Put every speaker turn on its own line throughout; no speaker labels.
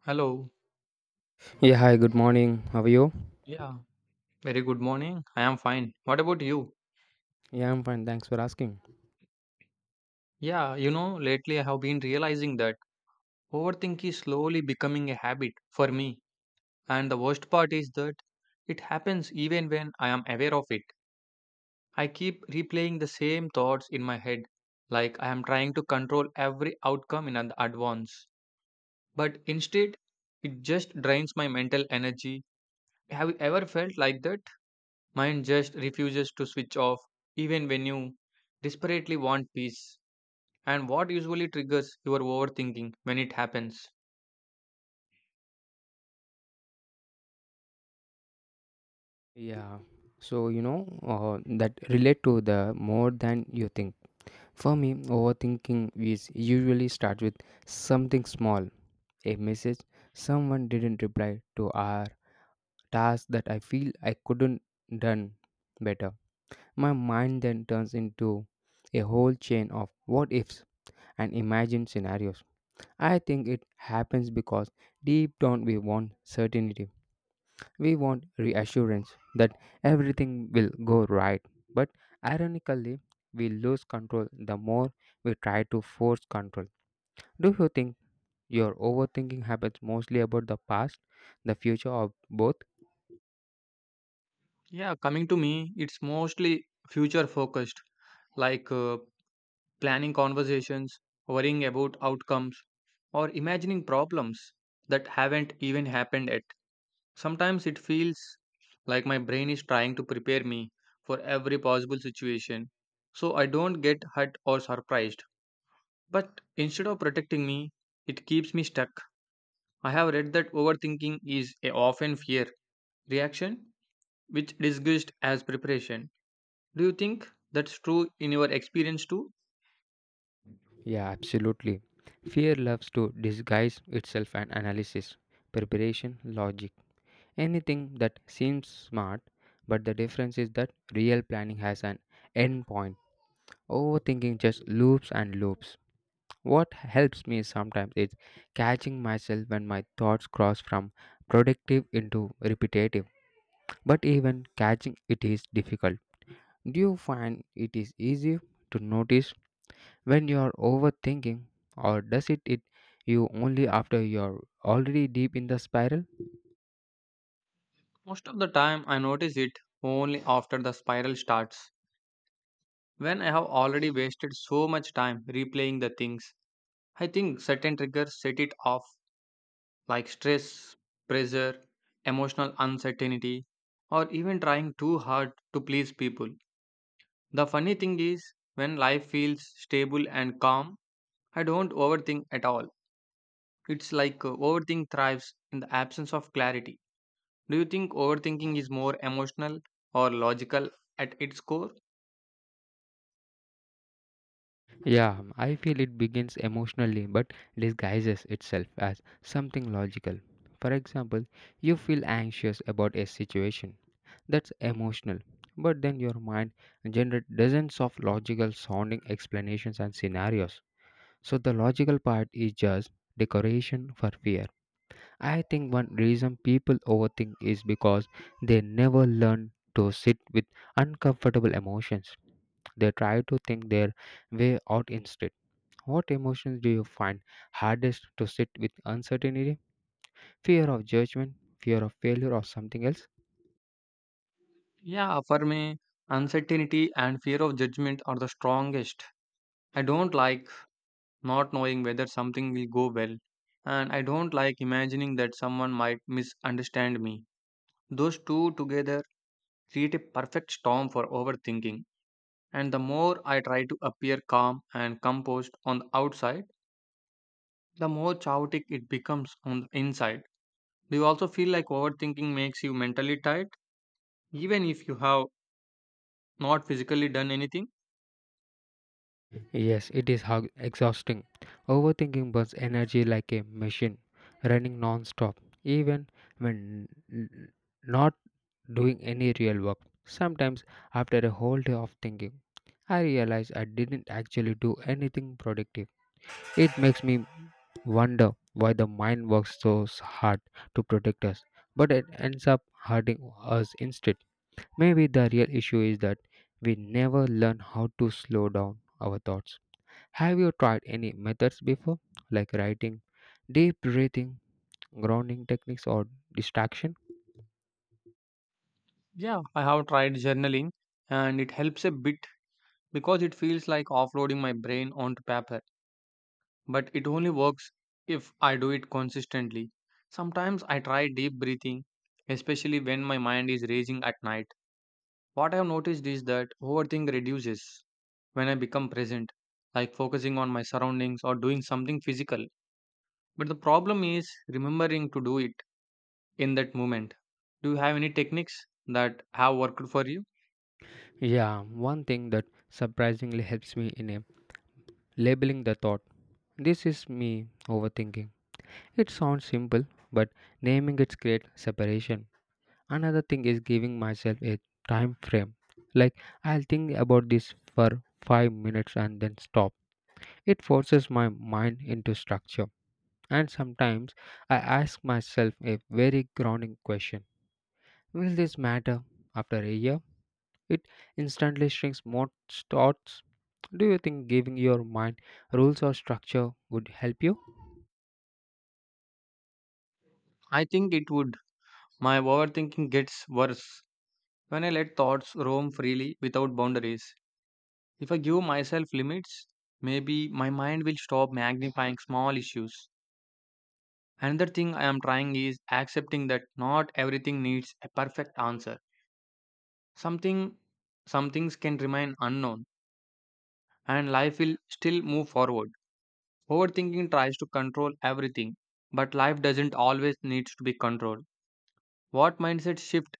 Hello.
Yeah, hi, good morning. How are you?
Yeah, very good morning. I am fine. What about you?
Yeah, I'm fine. Thanks for asking.
Lately I have been realizing that overthinking is slowly becoming a habit for me. And the worst part is that it happens even when I am aware of it. I keep replaying the same thoughts in my head, like I am trying to control every outcome in advance. But instead, it just drains my mental energy. Have you ever felt like that? Mind just refuses to switch off even when you desperately want peace. And what usually triggers your overthinking when it happens?
Yeah, that relate to the more than you think. For me, overthinking is usually start with something small, a message someone didn't reply to our task that I feel I couldn't done better. My mind then turns into a whole chain of what ifs and imagined scenarios. I think it happens because deep down we want certainty. We want reassurance that everything will go right, but ironically, we lose control the more we try to force control. Do you think your overthinking happens mostly about the past, the future, or both?
Yeah, coming to me, it's mostly future focused, like planning conversations, worrying about outcomes, or imagining problems that haven't even happened yet. Sometimes it feels like my brain is trying to prepare me for every possible situation so I don't get hurt or surprised. But instead of protecting me, it keeps me stuck. I have read that overthinking is a often fear reaction, which disguised as preparation. Do you think that's true in your experience too?
Yeah, absolutely. Fear loves to disguise itself and analysis, preparation, logic, anything that seems smart, but the difference is that real planning has an end point. Overthinking just loops and loops. What helps me sometimes is catching myself when my thoughts cross from productive into repetitive, but even catching it is difficult. Do you find it is easy to notice when you are overthinking, or does it hit you only after you are already deep in the spiral?
Most of the time, I notice it only after the spiral starts. When I have already wasted so much time replaying the things, I think certain triggers set it off, like stress, pressure, emotional uncertainty, or even trying too hard to please people. The funny thing is, when life feels stable and calm, I don't overthink at all. It's like overthink thrives in the absence of clarity. Do you think overthinking is more emotional or logical at its core?
Yeah, I feel it begins emotionally but disguises itself as something logical. For example, you feel anxious about a situation. That's emotional. But then your mind generates dozens of logical sounding explanations and scenarios. So the logical part is just decoration for fear. I think one reason people overthink is because they never learn to sit with uncomfortable emotions. They try to think their way out instead what emotions do you find hardest to sit with uncertainty? Fear of judgment, fear of failure, or something else?
Yeah, for me, uncertainty and fear of judgment are the strongest. I don't like not knowing whether something will go well, and I don't like imagining that someone might misunderstand me. Those two together create a perfect storm for overthinking. And the more I try to appear calm and composed on the outside, the more chaotic it becomes on the inside. Do you also feel like overthinking makes you mentally tired, even if you have not physically done anything?
Yes, it is exhausting. Overthinking burns energy like a machine, running non stop, even when n- not doing any real work. Sometimes, after a whole day of thinking, I realize I didn't actually do anything productive. It makes me wonder why the mind works so hard to protect us, but it ends up hurting us instead. Maybe the real issue is that we never learn how to slow down our thoughts. Have you tried any methods before, like writing, deep breathing, grounding techniques, or distraction?
Yeah, I have tried journaling and it helps a bit because it feels like offloading my brain onto paper. But it only works if I do it consistently. Sometimes I try deep breathing, especially when my mind is raging at night. What I have noticed is that overthink reduces when I become present, like focusing on my surroundings or doing something physical. But the problem is remembering to do it in that moment. Do you have any techniques that have worked for you?
Yeah, one thing that surprisingly helps me in a labeling the thought. This is me overthinking. It sounds simple, but naming it creates separation. Another thing is giving myself a time frame. Like I'll think about this for 5 minutes and then stop. It forces my mind into structure. And sometimes I ask myself a very grounding question. Will this matter after a year? It instantly shrinks more thoughts. Do you think giving your mind rules or structure would help you?
I think it would. My overthinking gets worse when I let thoughts roam freely without boundaries. If I give myself limits, maybe my mind will stop magnifying small issues. Another thing I am trying is accepting that not everything needs a perfect answer. Something some things can remain unknown and life will still move forward. Overthinking tries to control everything, but life doesn't always needs to be controlled. What mindset shift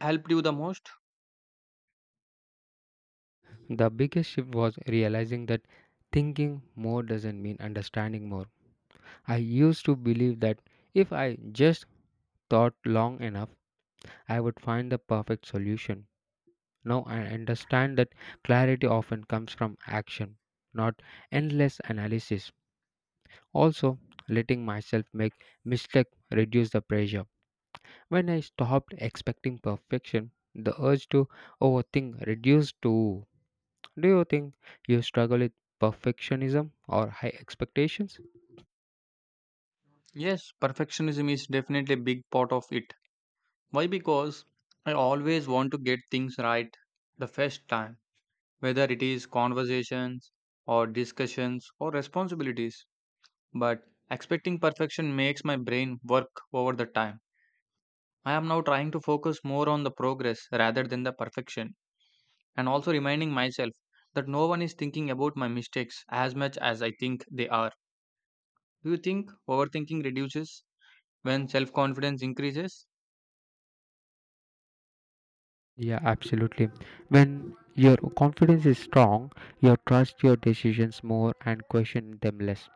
helped you the most?
The biggest shift was realizing that thinking more doesn't mean understanding more. I used to believe that if I just thought long enough, I would find the perfect solution. Now I understand that clarity often comes from action, not endless analysis. Also, letting myself make mistakes reduce the pressure. When I stopped expecting perfection, the urge to overthink reduced too. Do you think you struggle with perfectionism or high expectations?
Yes, perfectionism is definitely a big part of it. Why? Because I always want to get things right the first time, whether it is conversations or discussions or responsibilities. But expecting perfection makes my brain work over the time. I am now trying to focus more on the progress rather than the perfection, and also reminding myself that no one is thinking about my mistakes as much as I think they are. Do you think overthinking reduces when self confidence increases?
Yeah, absolutely. When your confidence is strong, you trust your decisions more and question them less.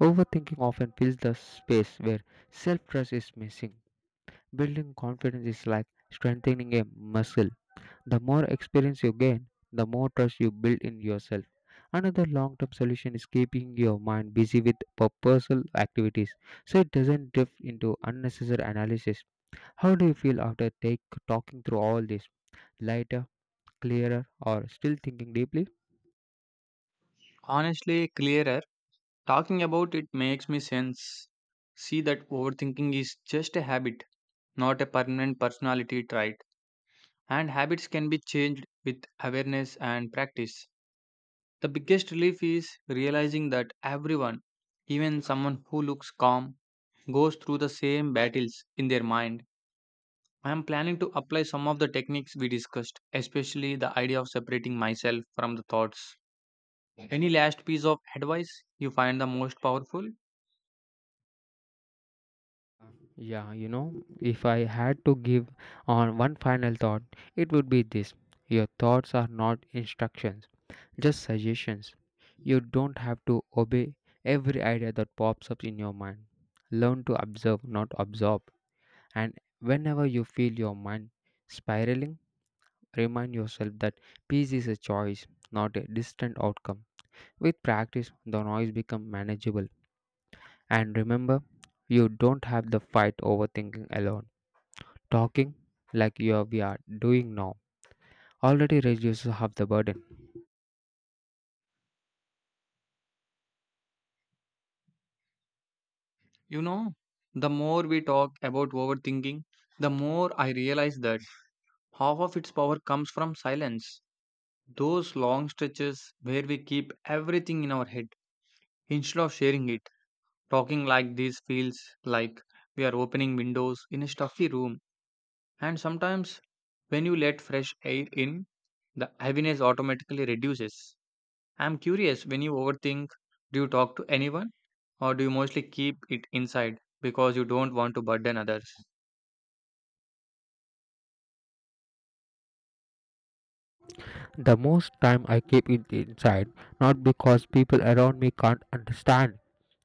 Overthinking often fills the space where self trust is missing. Building confidence is like strengthening a muscle. The more experience you gain, the more trust you build in yourself. Another long term solution is keeping your mind busy with purposeful activities so it doesn't drift into unnecessary analysis. How do you feel after talking through all this? Lighter, clearer, or still thinking deeply?
Honestly, clearer. Talking about it makes me sense. See that overthinking is just a habit, not a permanent personality trait, and habits can be changed with awareness and practice. The biggest relief is realizing that everyone, even someone who looks calm, goes through the same battles in their mind. I am planning to apply some of the techniques we discussed, especially the idea of separating myself from the thoughts. Any last piece of advice you find the most powerful?
If I had to give on one final thought, it would be this. Your thoughts are not instructions, just suggestions. You don't have to obey every idea that pops up in your mind. Learn to observe, not absorb. And whenever you feel your mind spiraling, remind yourself that peace is a choice, not a distant outcome. With practice, the noise becomes manageable. And remember, you don't have the fight over thinking alone. Talking like you are, we are doing now already reduces half the burden.
You know, the more we talk about overthinking, the more I realize that half of its power comes from silence. Those long stretches where we keep everything in our head instead of sharing it. Talking like this feels like we are opening windows in a stuffy room, and sometimes when you let fresh air in, the heaviness automatically reduces. I'm curious, when you overthink, do you talk to anyone or do you mostly keep it inside because you don't want to burden others?
The most time I keep it inside, not because people around me can't understand,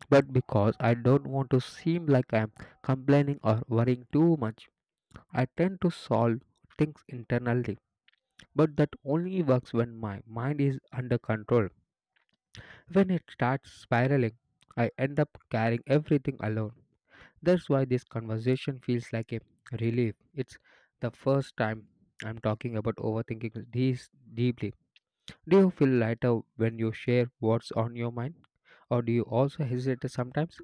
but because I don't want to seem like I'm complaining or worrying too much. I tend to solve things internally, but that only works when my mind is under control. When it starts spiraling, I end up carrying everything alone. That's why this conversation feels like a relief. It's the first time I'm talking about overthinking this deeply. Do you feel lighter when you share what's on your mind? Or do you also hesitate sometimes?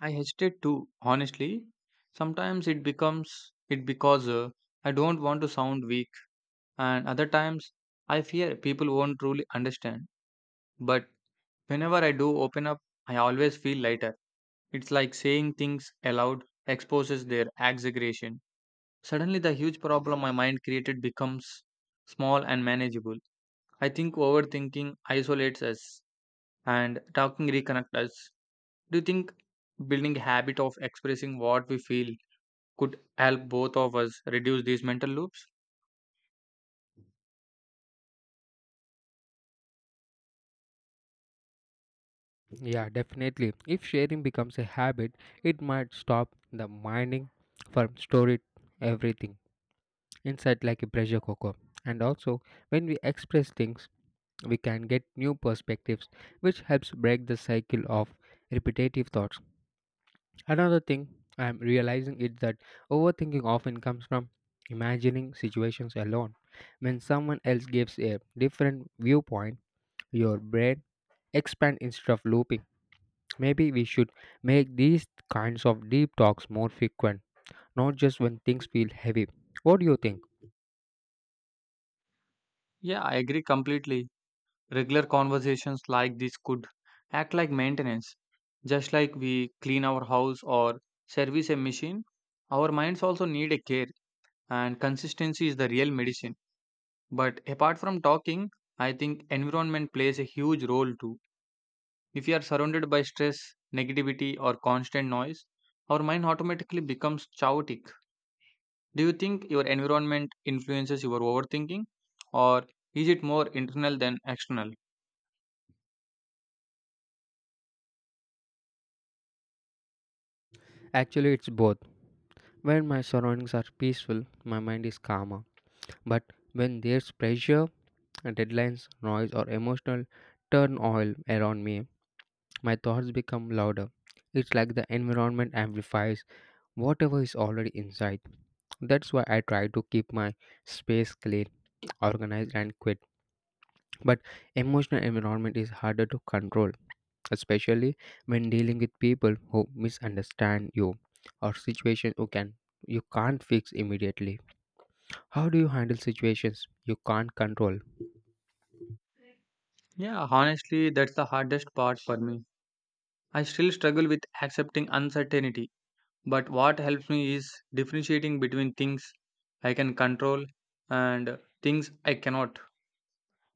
I hesitate too, honestly. Sometimes it becomes it because I don't want to sound weak, and other times I fear people won't truly understand. But whenever I do open up, I always feel lighter. It's like saying things aloud exposes their exaggeration. Suddenly, the huge problem my mind created becomes small and manageable. I think overthinking isolates us and talking reconnects us. Do you think building a habit of expressing what we feel could help both of us reduce these mental loops?
Yeah, definitely. If sharing becomes a habit, it might stop the mining from storage everything inside like a pressure cooker. And also, when we express things, we can get new perspectives, which helps break the cycle of repetitive thoughts. Another thing I'm realizing is that overthinking often comes from imagining situations alone. When someone else gives a different viewpoint, your brain expands instead of looping. Maybe we should make these kinds of deep talks more frequent, not just when things feel heavy. What do you think?
Yeah, I agree completely. Regular conversations like this could act like maintenance. Just like we clean our house or service a machine, our minds also need a care, and consistency is the real medicine. But apart from talking, I think environment plays a huge role too. If we are surrounded by stress, negativity, or constant noise, our mind automatically becomes chaotic. Do you think your environment influences your overthinking, or is it more internal than external?
Actually, it's both. When my surroundings are peaceful, my mind is calmer. But when there's pressure, deadlines, noise, or emotional turmoil around me, my thoughts become louder. It's like the environment amplifies whatever is already inside. That's why I try to keep my space clean, organized, and quiet. But emotional environment is harder to control, especially when dealing with people who misunderstand you or situations you can't fix immediately. How do you handle situations you can't control?
Yeah, honestly, that's the hardest part for me. I still struggle with accepting uncertainty, but what helps me is differentiating between things I can control and things I cannot.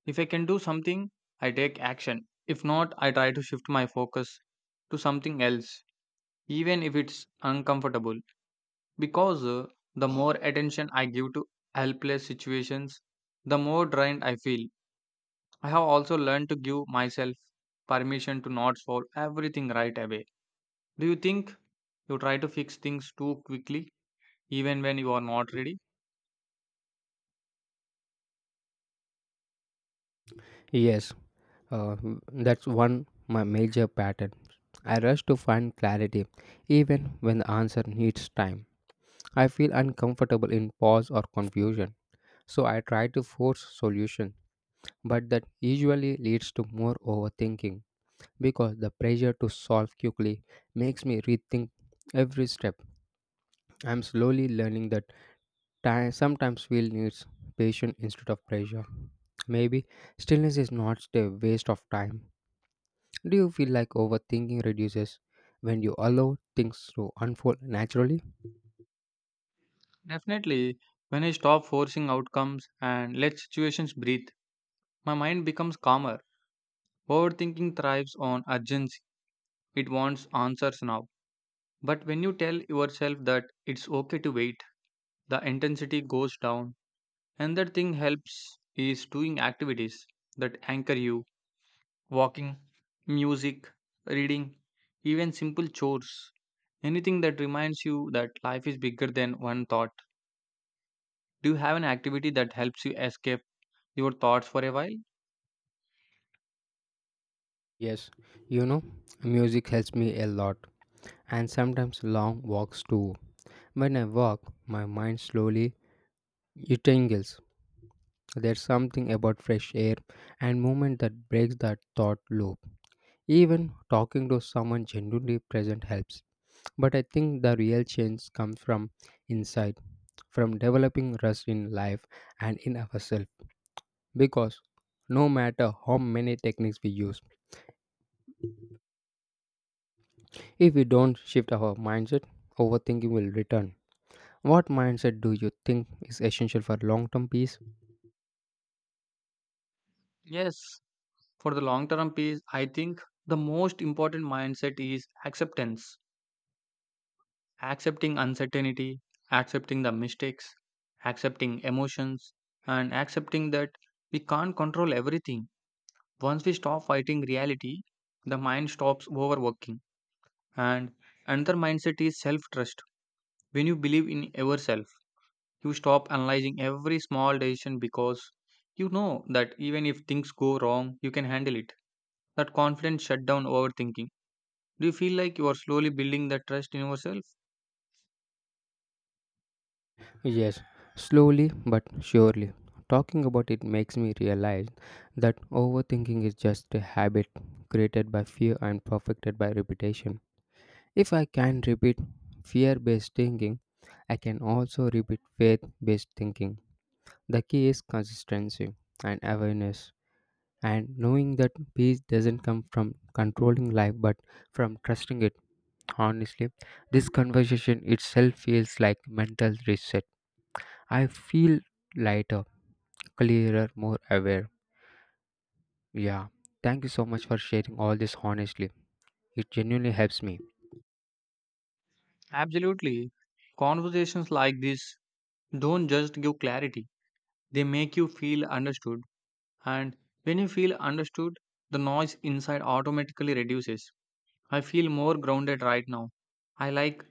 If I can do something, I take action. If not, I try to shift my focus to something else, even if it's uncomfortable. Because the more attention I give to helpless situations, the more drained I feel. I have also learned to give myself permission to not solve everything right away. Do you think you try to fix things too quickly, even when you are not ready?
Yes, Uh, that's one my major pattern. I rush to find clarity, even when the answer needs time. I feel uncomfortable in pause or confusion, so I try to force solution. But that usually leads to more overthinking because the pressure to solve quickly makes me rethink every step. I'm slowly learning that time sometimes feel needs patience instead of pressure. Maybe stillness is not a waste of time. Do you feel like overthinking reduces when you allow things to unfold naturally?
Definitely, when I stop forcing outcomes and let situations breathe, my mind becomes calmer. Overthinking thrives on urgency, it wants answers now. But when you tell yourself that it's okay to wait, the intensity goes down. Another thing helps is doing activities that anchor you. Walking, music, reading, even simple chores. Anything that reminds you that life is bigger than one thought. Do you have an activity that helps you escape your thoughts for a while?
Yes, you know, music helps me a lot, and sometimes long walks too. When I walk, my mind slowly untangles. There's something about fresh air and movement that breaks that thought loop. Even talking to someone genuinely present helps. But I think the real change comes from inside, from developing rest in life and in ourselves. Because no matter how many techniques we use, if we don't shift our mindset, overthinking will return. What mindset do you think is essential for long term peace?
Yes. For the long term peace, I think the most important mindset is acceptance. Accepting uncertainty, accepting the mistakes, accepting emotions, and accepting that we can't control everything. Once we stop fighting reality, the mind stops overworking. And another mindset is self trust. When you believe in yourself, you stop analyzing every small decision because you know that even if things go wrong, you can handle it. That confidence shut down overthinking. Do you feel like you are slowly building that trust in yourself?
Yes, slowly but surely. Talking about it makes me realize that overthinking is just a habit created by fear and perfected by repetition. If I can repeat fear based thinking, I can also repeat faith based thinking. The key is consistency and awareness, and knowing that peace doesn't come from controlling life but from trusting it. Honestly, this conversation itself feels like mental reset. I feel lighter, clearer, more aware. Yeah, thank you so much for sharing all this. Honestly, it genuinely helps me.
Absolutely. Conversations like this don't just give clarity, they make you feel understood. And when you feel understood, the noise inside automatically reduces. I feel more grounded right now. I like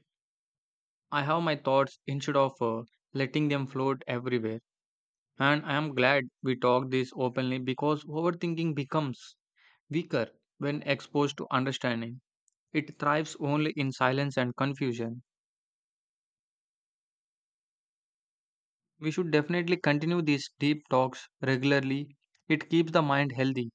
I have my thoughts instead of letting them float everywhere. And I am glad we talked this openly because overthinking becomes weaker when exposed to understanding. It thrives only in silence and confusion. We should definitely continue these deep talks regularly. It keeps the mind healthy.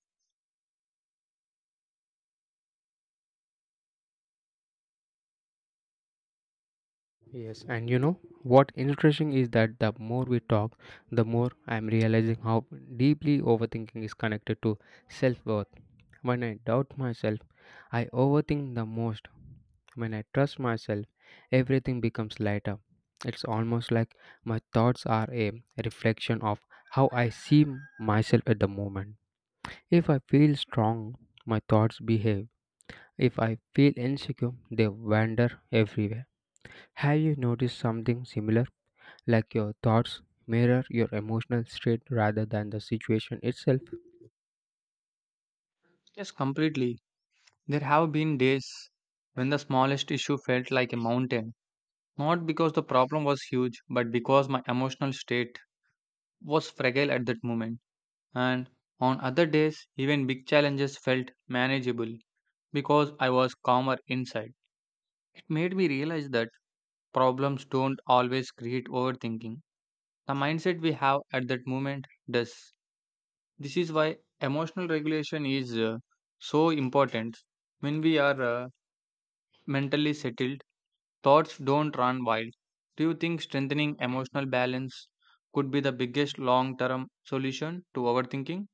Yes and you know what interesting is that the more we talk, the more I'm realizing how deeply overthinking is connected to self-worth. When I doubt myself, I overthink the most. When I trust myself, everything becomes lighter. It's almost like my thoughts are a reflection of how I see myself at the moment. If I feel strong, my thoughts behave. If I feel insecure, they wander everywhere. Have you noticed something similar? Like your thoughts mirror your emotional state rather than the situation itself?
Yes, completely. There have been days when the smallest issue felt like a mountain, not because the problem was huge, but because my emotional state was fragile at that moment. And on other days, even big challenges felt manageable because I was calmer inside. It made me realize that problems don't always create overthinking. The mindset we have at that moment does. This is why emotional regulation is so important. When we are mentally settled, thoughts don't run wild. Do you think strengthening emotional balance could be the biggest long term solution to overthinking?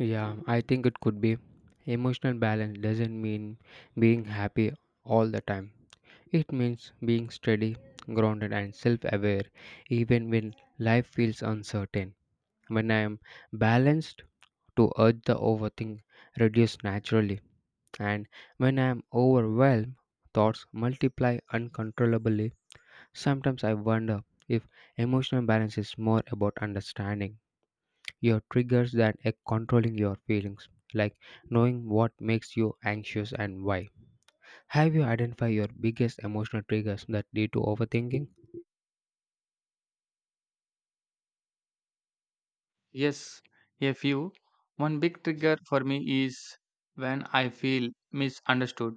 Yeah, I think it could be. Emotional balance doesn't mean being happy all the time. It means being steady, grounded, and self aware, even when life feels uncertain. When I am balanced, to urge the overthink reduce naturally, and when I am overwhelmed, thoughts multiply uncontrollably. Sometimes I wonder if emotional balance is more about understanding your triggers that are controlling your feelings, like knowing what makes you anxious and why. Have you identified your biggest emotional triggers that lead to overthinking?
Yes, a few. One big trigger for me is when I feel misunderstood.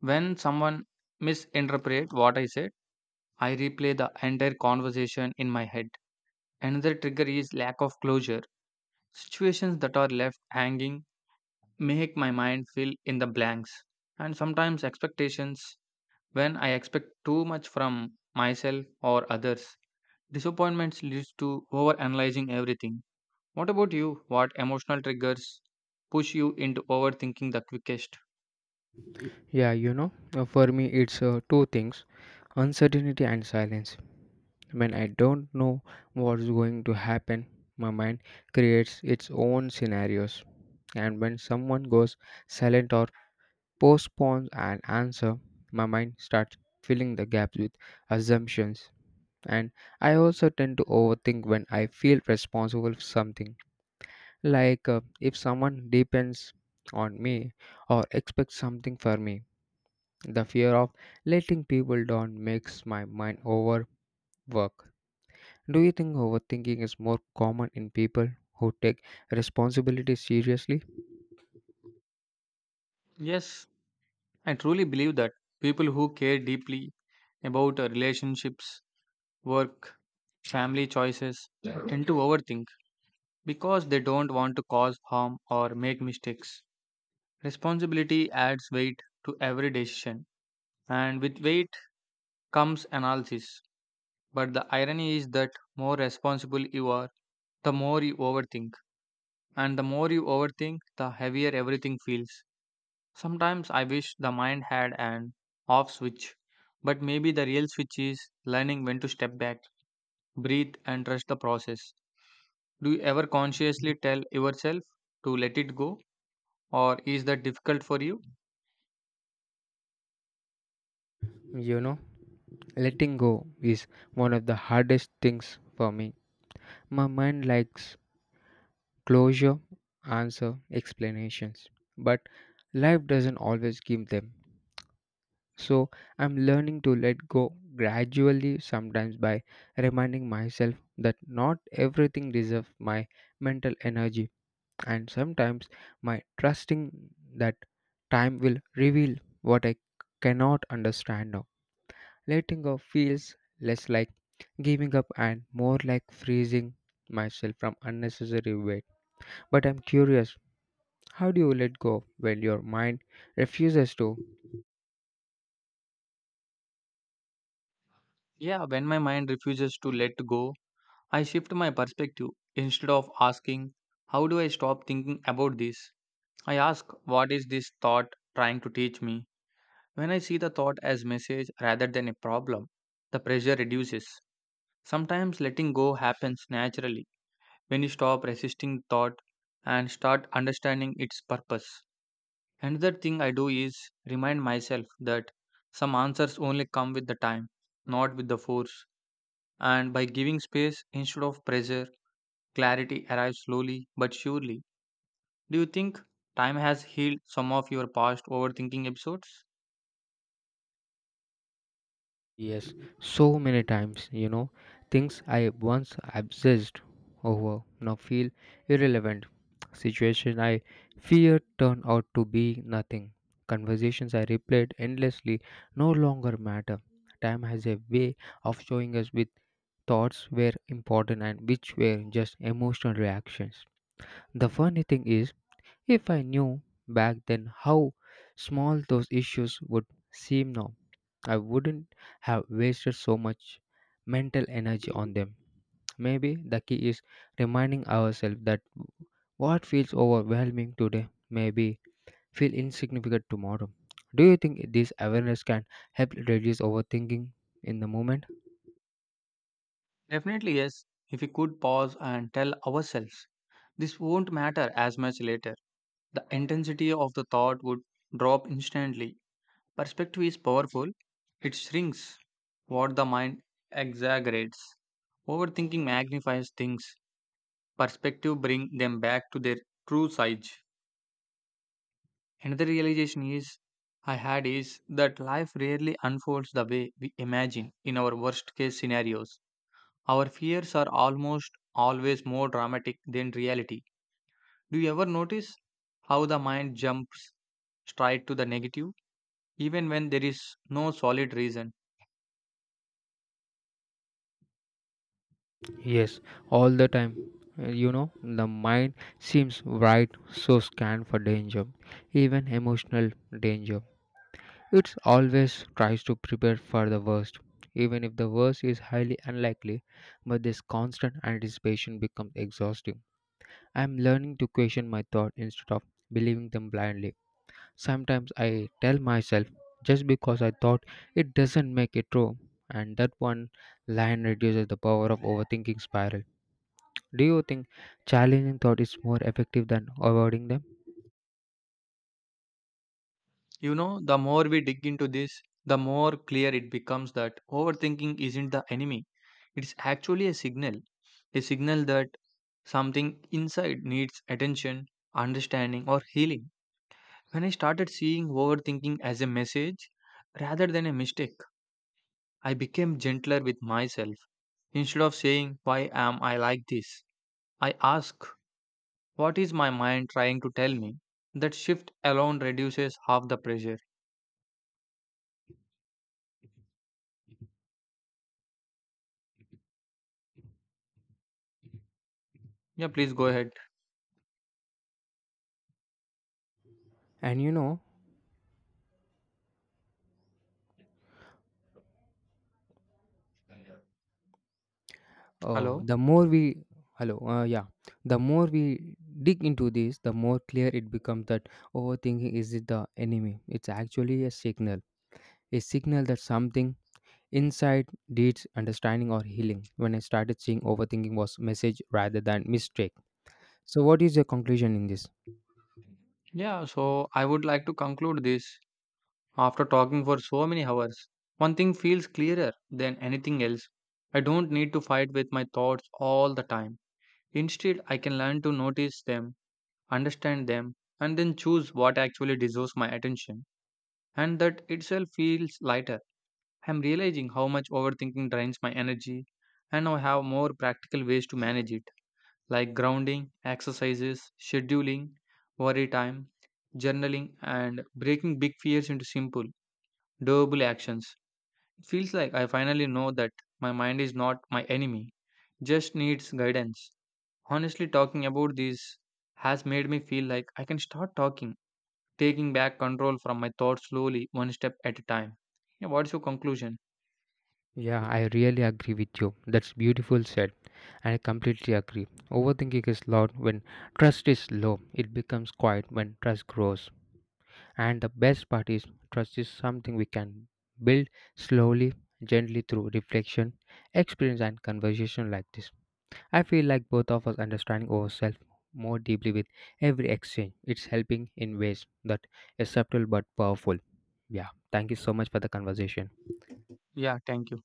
When someone misinterprets what I said, I replay the entire conversation in my head. Another trigger is lack of closure. Situations that are left hanging make my mind fill in the blanks. And sometimes expectations when I expect too much from myself or others. Disappointments leads to over analyzing everything. What about you? What emotional triggers push you into overthinking the quickest?
For me it's two things: uncertainty and silence. When I don't know what's going to happen, my mind creates its own scenarios. And when someone goes silent or postpones an answer, my mind starts filling the gaps with assumptions. And I also tend to overthink when I feel responsible for something, like if someone depends on me or expects something from me. The fear of letting people down makes my mind overwork. Do you think overthinking is more common in people who take responsibility seriously?
Yes, I truly believe that people who care deeply about relationships, work, family choices tend to overthink because they don't want to cause harm or make mistakes. Responsibility adds weight to every decision, and with weight comes analysis. But the irony is that more responsible you are, the more you overthink. And the more you overthink, the heavier everything feels. Sometimes I wish the mind had an off switch, but maybe the real switch is learning when to step back, breathe, and trust the process. Do you ever consciously tell yourself to let it go, or is that difficult for you?
You know, letting go is one of the hardest things for me. My mind likes closure, answer, explanations. But life doesn't always give them. So I'm learning to let go gradually, sometimes by reminding myself that not everything deserves my mental energy, and sometimes my trusting that time will reveal what I cannot understand now. Letting go feels less like giving up and more like freezing myself from unnecessary weight. But I'm curious, how do you let go when your mind refuses to?
Yeah, when my mind refuses to let go, I shift my perspective. Instead of asking, how do I stop thinking about this? I ask, what is this thought trying to teach me? When I see the thought as message rather than a problem, the pressure reduces. Sometimes letting go happens naturally when you stop resisting thought and start understanding its purpose. Another thing I do is remind myself that some answers only come with the time, not with the force. And by giving space instead of pressure, clarity arrives slowly but surely. Do you think time has healed some of your past overthinking episodes?
Yes, so many times. You know, things I once obsessed over now feel irrelevant. Situation I feared turned out to be nothing. Conversations I replayed endlessly no longer matter. Time has a way of showing us which thoughts were important and which were just emotional reactions. The funny thing is, if I knew back then how small those issues would seem now, I wouldn't have wasted so much mental energy on them. Maybe the key is reminding ourselves that what feels overwhelming today may be feel insignificant tomorrow. Do you think this awareness can help reduce overthinking in the moment?
Definitely, yes. If we could pause and tell ourselves, this won't matter as much later, the intensity of the thought would drop instantly. Perspective is powerful, it shrinks what the mind exaggerates. Overthinking magnifies things, perspective bring them back to their true size. Another realization is I had is that life rarely unfolds the way we imagine in our worst case scenarios. Our fears are almost always more dramatic than reality. Do you ever notice how the mind jumps straight to the negative, even when there is no solid reason?
Yes, all the time. You know, the mind seems right, so scanned for danger, even emotional danger. It always tries to prepare for the worst, even if the worst is highly unlikely. But this constant anticipation becomes exhausting. I am learning to question my thought instead of believing them blindly. Sometimes I tell myself just because I thought it doesn't make it true, and that one line reduces the power of overthinking spiral. Do you think challenging thought is more effective than avoiding them?
You know, the more we dig into this, the more clear it becomes that overthinking isn't the enemy. It's actually a signal that something inside needs attention, understanding, or healing. When I started seeing overthinking as a message rather than a mistake, I became gentler with myself. Instead of saying, why am I like this? I ask, what is my mind trying to tell me? That shift alone reduces half the pressure. Yeah, please go ahead.
And you know,
Hello.
the more we hello, the more we dig into this, the more clear it becomes that overthinking isn't the enemy. It's actually a signal that something inside needs understanding or healing. When I started seeing overthinking was message rather than mistake. So, what is your conclusion in this?
Yeah, so I would like to conclude this after talking for so many hours. One thing feels clearer than anything else. I don't need to fight with my thoughts all the time. Instead, I can learn to notice them, understand them, and then choose what actually deserves my attention. And that itself feels lighter. I'm realizing how much overthinking drains my energy, and I have more practical ways to manage it, like grounding, exercises, scheduling, worry time, journaling, and breaking big fears into simple, doable actions. It feels like I finally know that my mind is not my enemy, just needs guidance. Honestly, talking about this has made me feel like I can start talking taking back control from my thoughts slowly, one step at a time. Yeah, what's your conclusion?
Yeah, I really agree with you. That's beautiful said. I completely agree. Overthinking is loud when trust is low. It becomes quiet when trust grows. And the best part is trust is something we can build slowly, gently through reflection, experience and conversation like this. I feel like both of us understanding ourselves more deeply with every exchange. It's helping in ways that is subtle but powerful. Yeah. Thank you so much for the conversation.
Yeah, thank you.